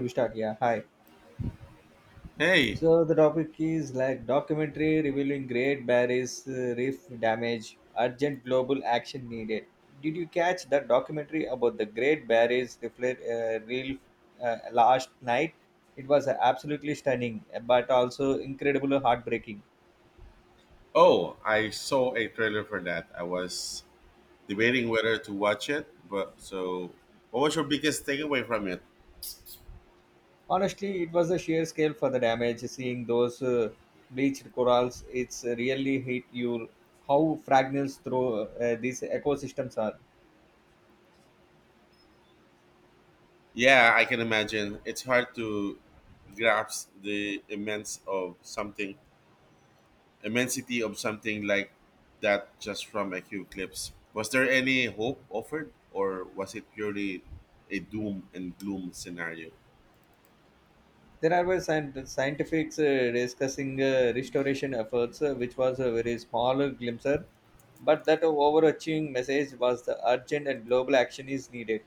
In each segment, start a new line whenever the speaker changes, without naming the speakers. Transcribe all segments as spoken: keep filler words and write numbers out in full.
We start, yeah. Hi.
Hey.
So the topic is like documentary revealing Great Barrier Reef damage, urgent global action needed. Did you catch that documentary about the Great Barrier reef uh, reef uh, last night? It was absolutely stunning but also incredibly heartbreaking.
oh, I saw a trailer for that. I was debating whether to watch it, but so what was your biggest takeaway from it?
Honestly, it was the sheer scale for the damage. Seeing those uh, bleached corals, it's really hit you how fragile through uh, these ecosystems are.
Yeah, I can imagine. It's hard to grasp the immense of something, immensity of something like that just from a few clips. Was there any hope offered, or was it purely a doom and gloom scenario?
There are were scient- scientifics uh, discussing uh, restoration efforts, uh, which was a very small glimpse, but that overarching message was the urgent and global action is needed.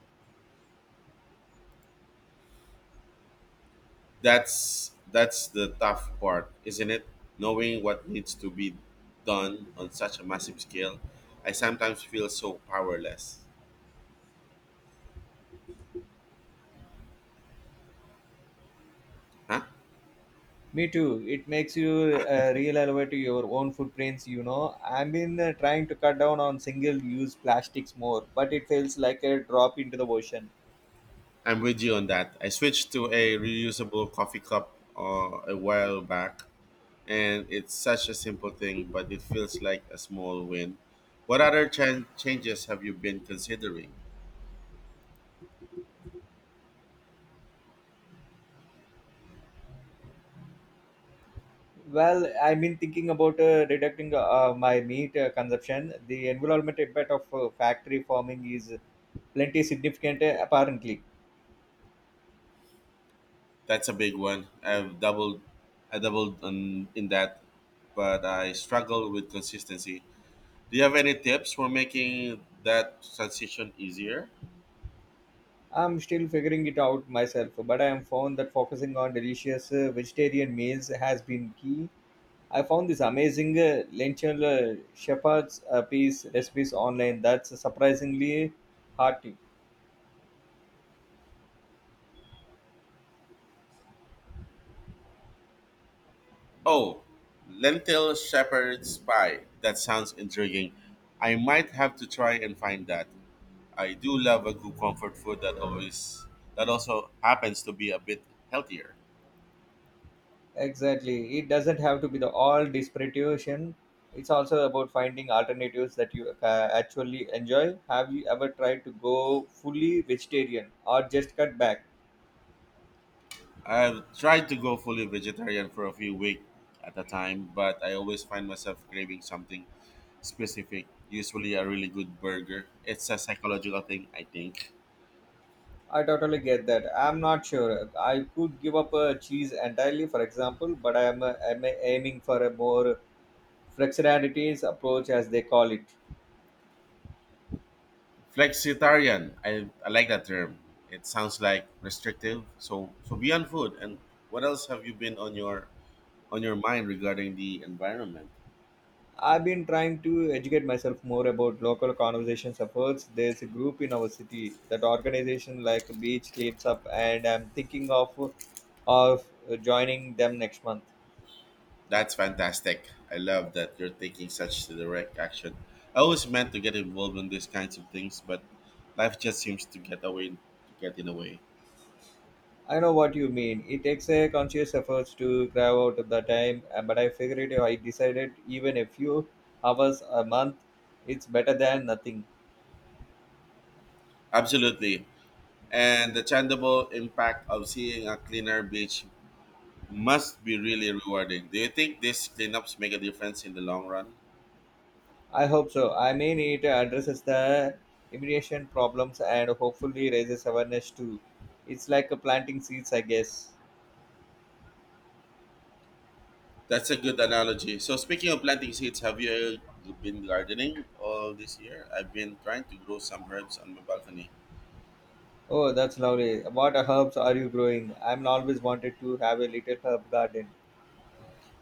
That's that's the tough part, isn't it? Knowing what needs to be done on such a massive scale. I sometimes feel so powerless. Huh?
Me too. It makes you uh, reevaluate your own footprints. You know, I've been uh, trying to cut down on single-use plastics more, but it feels like a drop into the ocean.
I'm with you on that. I switched to a reusable coffee cup uh, a while back, and it's such a simple thing, but it feels like a small win. What other chan changes have you been considering?
Well, I've been thinking about uh, reducing uh, my meat uh, consumption. The environmental impact of uh, factory farming is plenty significant, uh, apparently.
That's a big one. I've doubled, I doubled on in that, but I struggle with consistency. Do you have any tips for making that transition easier?
I'm still figuring it out myself, but I have found that focusing on delicious uh, vegetarian meals has been key. I found this amazing uh, lentil uh, shepherd's uh, piece recipes online that's surprisingly hearty.
Oh, lentil shepherd's pie. That sounds intriguing. I might have to try and find that. I do love a good comfort food that always that also happens to be a bit healthier.
Exactly. It doesn't have to be the all desperation. It's also about finding alternatives that you uh, actually enjoy. Have you ever tried to go fully vegetarian or just cut back?
I've tried to go fully vegetarian for a few weeks at a time, but I always find myself craving something specific, usually a really good burger. It's a psychological thing, I think.
I totally get that. I'm not sure I could give up uh, cheese entirely, for example, but I'm, uh, I'm aiming for a more flexibilities approach, as they call it.
Flexitarian. I, I like that term. It sounds like restrictive. So so beyond food and what else have you been on your on your mind regarding the environment?
I've been trying to educate myself more about local conservation efforts. There's a group in our city that organization like Beach Cleans Up, and I'm thinking of of joining them next month.
That's fantastic. I love that you're taking such direct action. I always meant to get involved in these kinds of things, but life just seems to get away to get in the way.
I know what you mean. It takes a conscious effort to carve out the time, uh, but I figured I decided even a few hours a month, it's better than nothing.
Absolutely. And the tangible impact of seeing a cleaner beach must be really rewarding. Do you think these cleanups make a difference in the long run?
I hope so. I mean, it addresses the immigration problems and hopefully raises awareness too. It's like a planting seeds, I guess.
That's a good analogy. So speaking of planting seeds, have you been gardening all this year? I've been trying to grow some herbs on my balcony.
Oh, that's lovely. What herbs are you growing? I'm always wanted to have a little herb garden.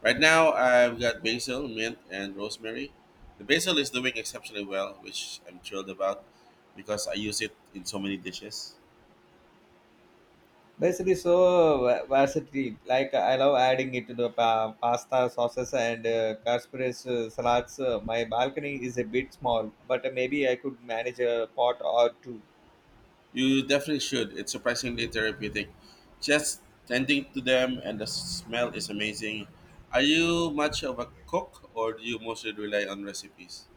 Right now, I've got basil, mint, and rosemary. The basil is doing exceptionally well, which I'm thrilled about because I use it in so many dishes.
Basically, so va- versatile. Like I love adding it to the pa- pasta, sauces, and uh, casperes uh, salads. Uh, my balcony is a bit small, but uh, maybe I could manage a pot or two.
You definitely should. It's surprisingly therapeutic. Just tending to them and the smell is amazing. Are you much of a cook or do you mostly rely on recipes?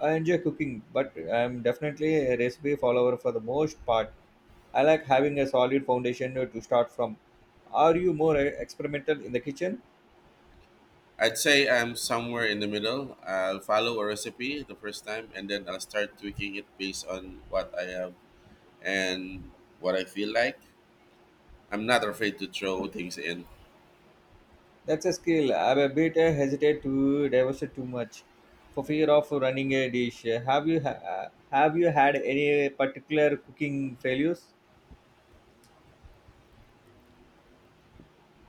I enjoy cooking, but I'm definitely a recipe follower for the most part. I like having a solid foundation to start from. Are you more uh, experimental in the kitchen?
I'd say I'm somewhere in the middle. I'll follow a recipe the first time and then I'll start tweaking it based on what I have and what I feel like. I'm not afraid to throw things in.
That's a skill. I'm a bit uh, hesitate to divulge too much for fear of running a dish. Have you ha- have you had any particular cooking failures?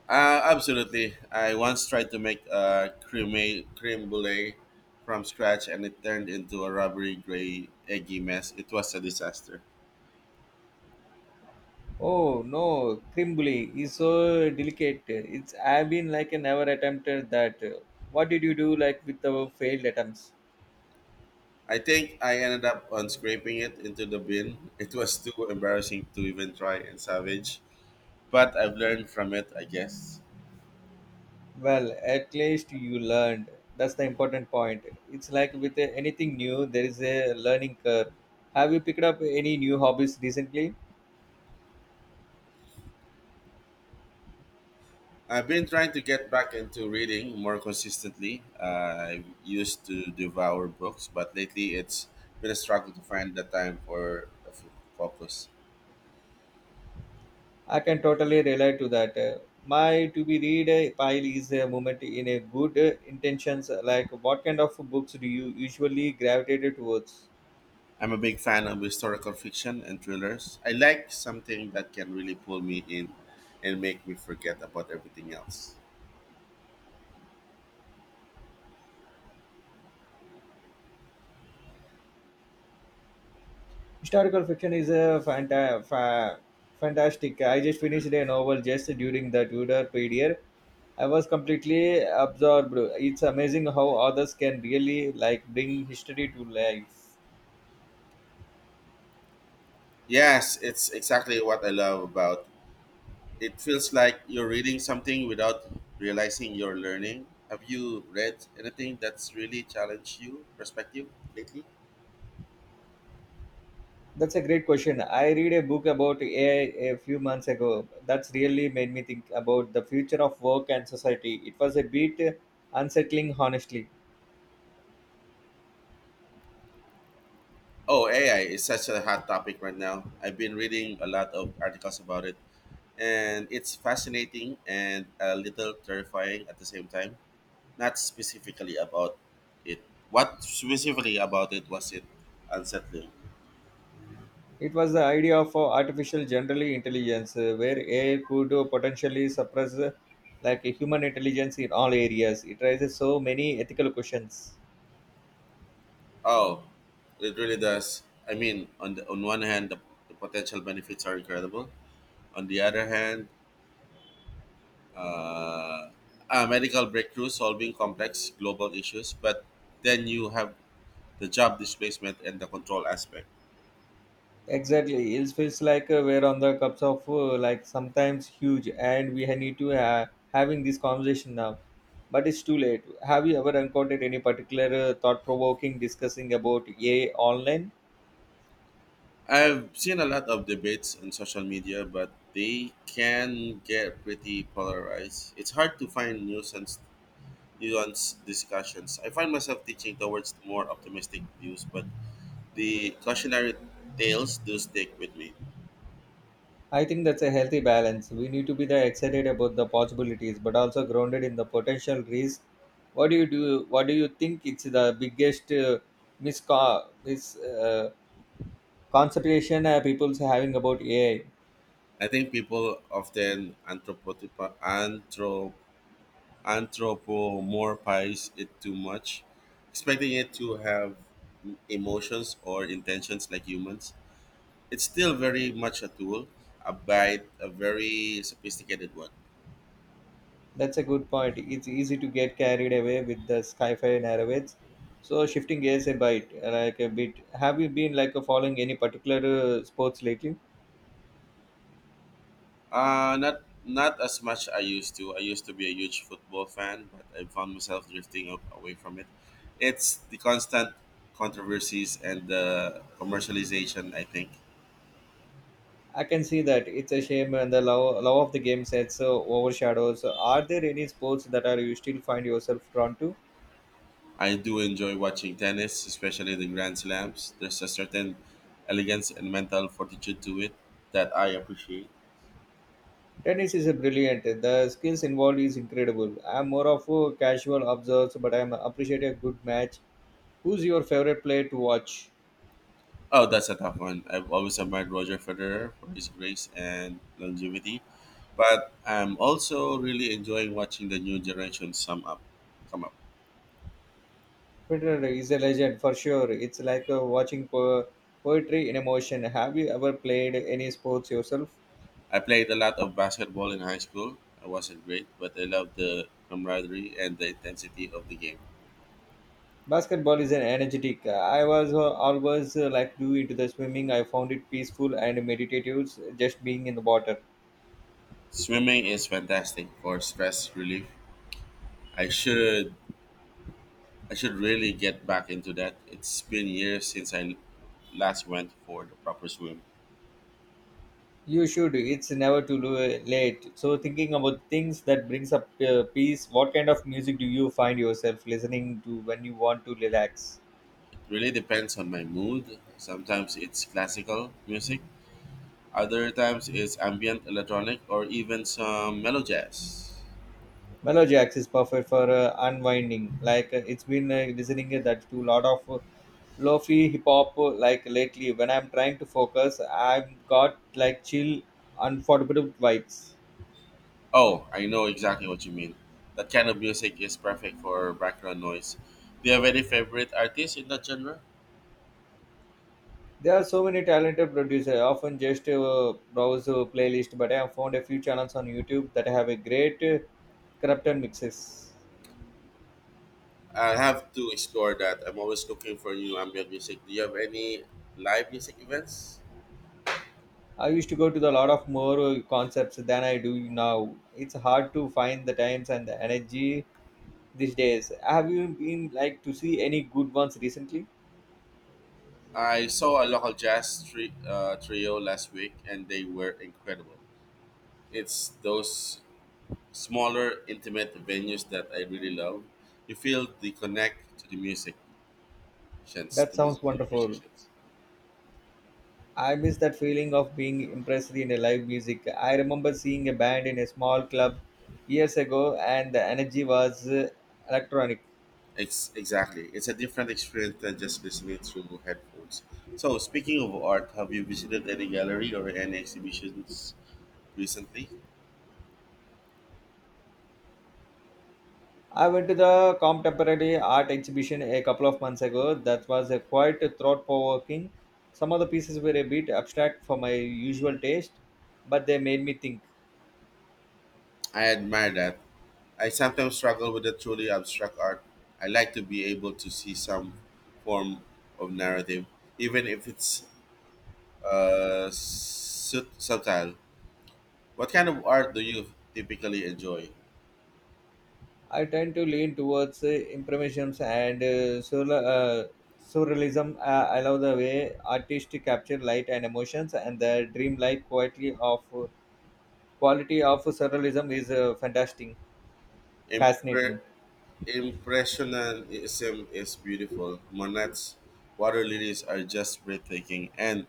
Uh, absolutely. I once tried to make a creme, creme brulee from scratch and it turned into a rubbery gray eggy mess. It was a disaster.
Oh no, crimbly is so delicate. It's I've been like I never attempted that. What did you do like with the failed attempts?
I think I ended up on scraping it into the bin. It was too embarrassing to even try and salvage, but I've learned from it, I guess.
Well, at least you learned. That's the important point. It's like with uh, anything new, there is a learning curve. Have you picked up any new hobbies recently?
I've been trying to get back into reading more consistently. I used to devour books, but lately it's been a struggle to find the time for the fo- focus.
I can totally relate to that. Uh, My to be read uh, pile is a moment in a good uh, intentions. Like, what kind of books do you usually gravitate towards?
I'm a big fan of historical fiction and thrillers. I like something that can really pull me in and make me forget about everything else.
Historical fiction is a fanta- fa- fantastic. I just finished a novel just during the Tudor period. I was completely absorbed. It's amazing how authors can really like bring history to life.
Yes, it's exactly what I love about. It feels like you're reading something without realizing you're learning. Have you read anything that's really challenged you perspective lately?
That's a great question. I read a book about A I a few months ago. That's really made me think about the future of work and society. It was a bit unsettling, honestly.
Oh, A I is such a hot topic right now. I've been reading a lot of articles about it, and it's fascinating and a little terrifying at the same time. Not specifically about it. What specifically about it was it unsettling?
It was the idea of uh, artificial general intelligence, uh, where A I could uh, potentially suppress uh, like a human intelligence in all areas. It raises so many ethical questions.
Oh, it really does. I mean, on the, on one hand, the, the potential benefits are incredible. On the other hand, uh, a medical breakthrough solving complex global issues, but then you have the job displacement and the control aspect.
Exactly, it feels like uh, we're on the cups of uh, like sometimes huge, and we ha- need to uh, having this conversation now. But it's too late. Have you ever encountered any particular uh, thought-provoking discussing about A I online?
I've seen a lot of debates on social media, but they can get pretty polarized. It's hard to find nuisance nuanced discussions. I find myself teaching towards more optimistic views, but the cautionary tales do stick with me.
I think that's a healthy balance. We need to be the excited about the possibilities, but also grounded in the potential risk. What do you do? What do you think it's the biggest uh, misco- mis uh, concentration uh, people's having about A I?
I think people often anthropo- anthrop- anthropomorphize it too much, expecting it to have emotions or intentions like humans. It's still very much a tool, a bit a very sophisticated one.
That's a good point. It's easy to get carried away with the sci-fi narratives. So shifting gears a bit, like a bit. Have you been like following any particular uh, sports lately?
Uh, not not as much I used to. I used to be a huge football fan, but I found myself drifting up away from it. It's the constant controversies and the commercialization, I think.
I can see that it's a shame and the love, love of the game sets uh, overshadows. Are there any sports that are you still find yourself drawn to?
I do enjoy watching tennis, especially the Grand Slams. There's a certain elegance and mental fortitude to it that I appreciate.
Tennis is a brilliant. The skills involved is incredible. I'm more of a casual observer, but I'm appreciate a good match. Who's your favorite player to watch?
Oh, that's a tough one. I've always admired Roger Federer for his grace and longevity, but I'm also really enjoying watching the new generation sum up, come up.
Twitter is a legend for sure. It's like uh, watching po- poetry in a motion. Have you ever played any sports yourself?
I played a lot of basketball in high school. I wasn't great, but I loved the camaraderie and the intensity of the game.
Basketball is an energetic. I was uh, always uh, like do into the swimming. I found it peaceful and meditative, just being in the water.
Swimming is fantastic for stress relief. I should I should really get back into that. It's been years since I last went for the proper swim.
You should. It's never too lo- late. So thinking about things that brings up uh, peace. What kind of music do you find yourself listening to when you want to relax?
Really depends on my mood. Sometimes it's classical music, other times it's ambient electronic or even some mellow jazz.
Melodiacs is perfect for uh, unwinding. Like uh, it's been uh, listening uh, that to a lot of uh, lo-fi hip hop uh, like lately. When I'm trying to focus, I've got like chill, unforgettable vibes.
Oh, I know exactly what you mean. That kind of music is perfect for background noise. Do you have any favorite artists in that genre?
There are so many talented producers. I often just uh, browse uh, playlist, but I have found a few channels on YouTube that have a great uh, corrupted mixes.
I have to explore that. I'm always looking for new ambient music. Do you have any live music events?
I used to go to a lot of more uh, concepts than I do now. It's hard to find the times and the energy these days. Have you been like to see any good ones recently?
I saw a local jazz tri- uh, trio last week and they were incredible. It's those smaller, intimate venues that I really love. You feel the connect to the musicians, to,
That
mus-
sounds
to the
wonderful.
musicians.
I miss that feeling of being impressed in a live music. I remember seeing a band in a small club years ago, and the energy was uh, electronic.
Ex- exactly. It's a different experience than just listening through headphones. So, speaking of art, have you visited any gallery or any exhibitions recently?
I went to the contemporary art exhibition a couple of months ago. That was a quite thought provoking. Some of the pieces were a bit abstract for my usual taste, but they made me think.
I admire that. I sometimes struggle with the truly abstract art. I like to be able to see some form of narrative, even if it's uh, sut- subtle. What kind of art do you typically enjoy?
I tend to lean towards uh, impressionism and uh, surla- uh, surrealism. Uh, I love the way artists capture light and emotions, and the dreamlike quality of quality of surrealism is uh, fantastic,
Impre-
fascinating.
impressionism is beautiful. Monet's water lilies are just breathtaking, and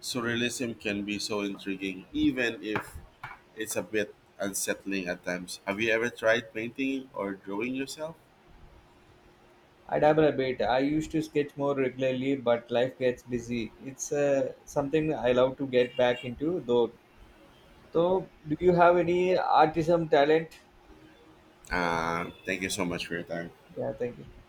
surrealism can be so intriguing, even if it's a bit unsettling at times. Have you ever tried painting or drawing yourself?
I dabble a bit. I used to sketch more regularly, but life gets busy. It's uh, something I love to get back into, though. So, do you have any artism talent?
Uh, thank you so much for your time.
Yeah, thank you.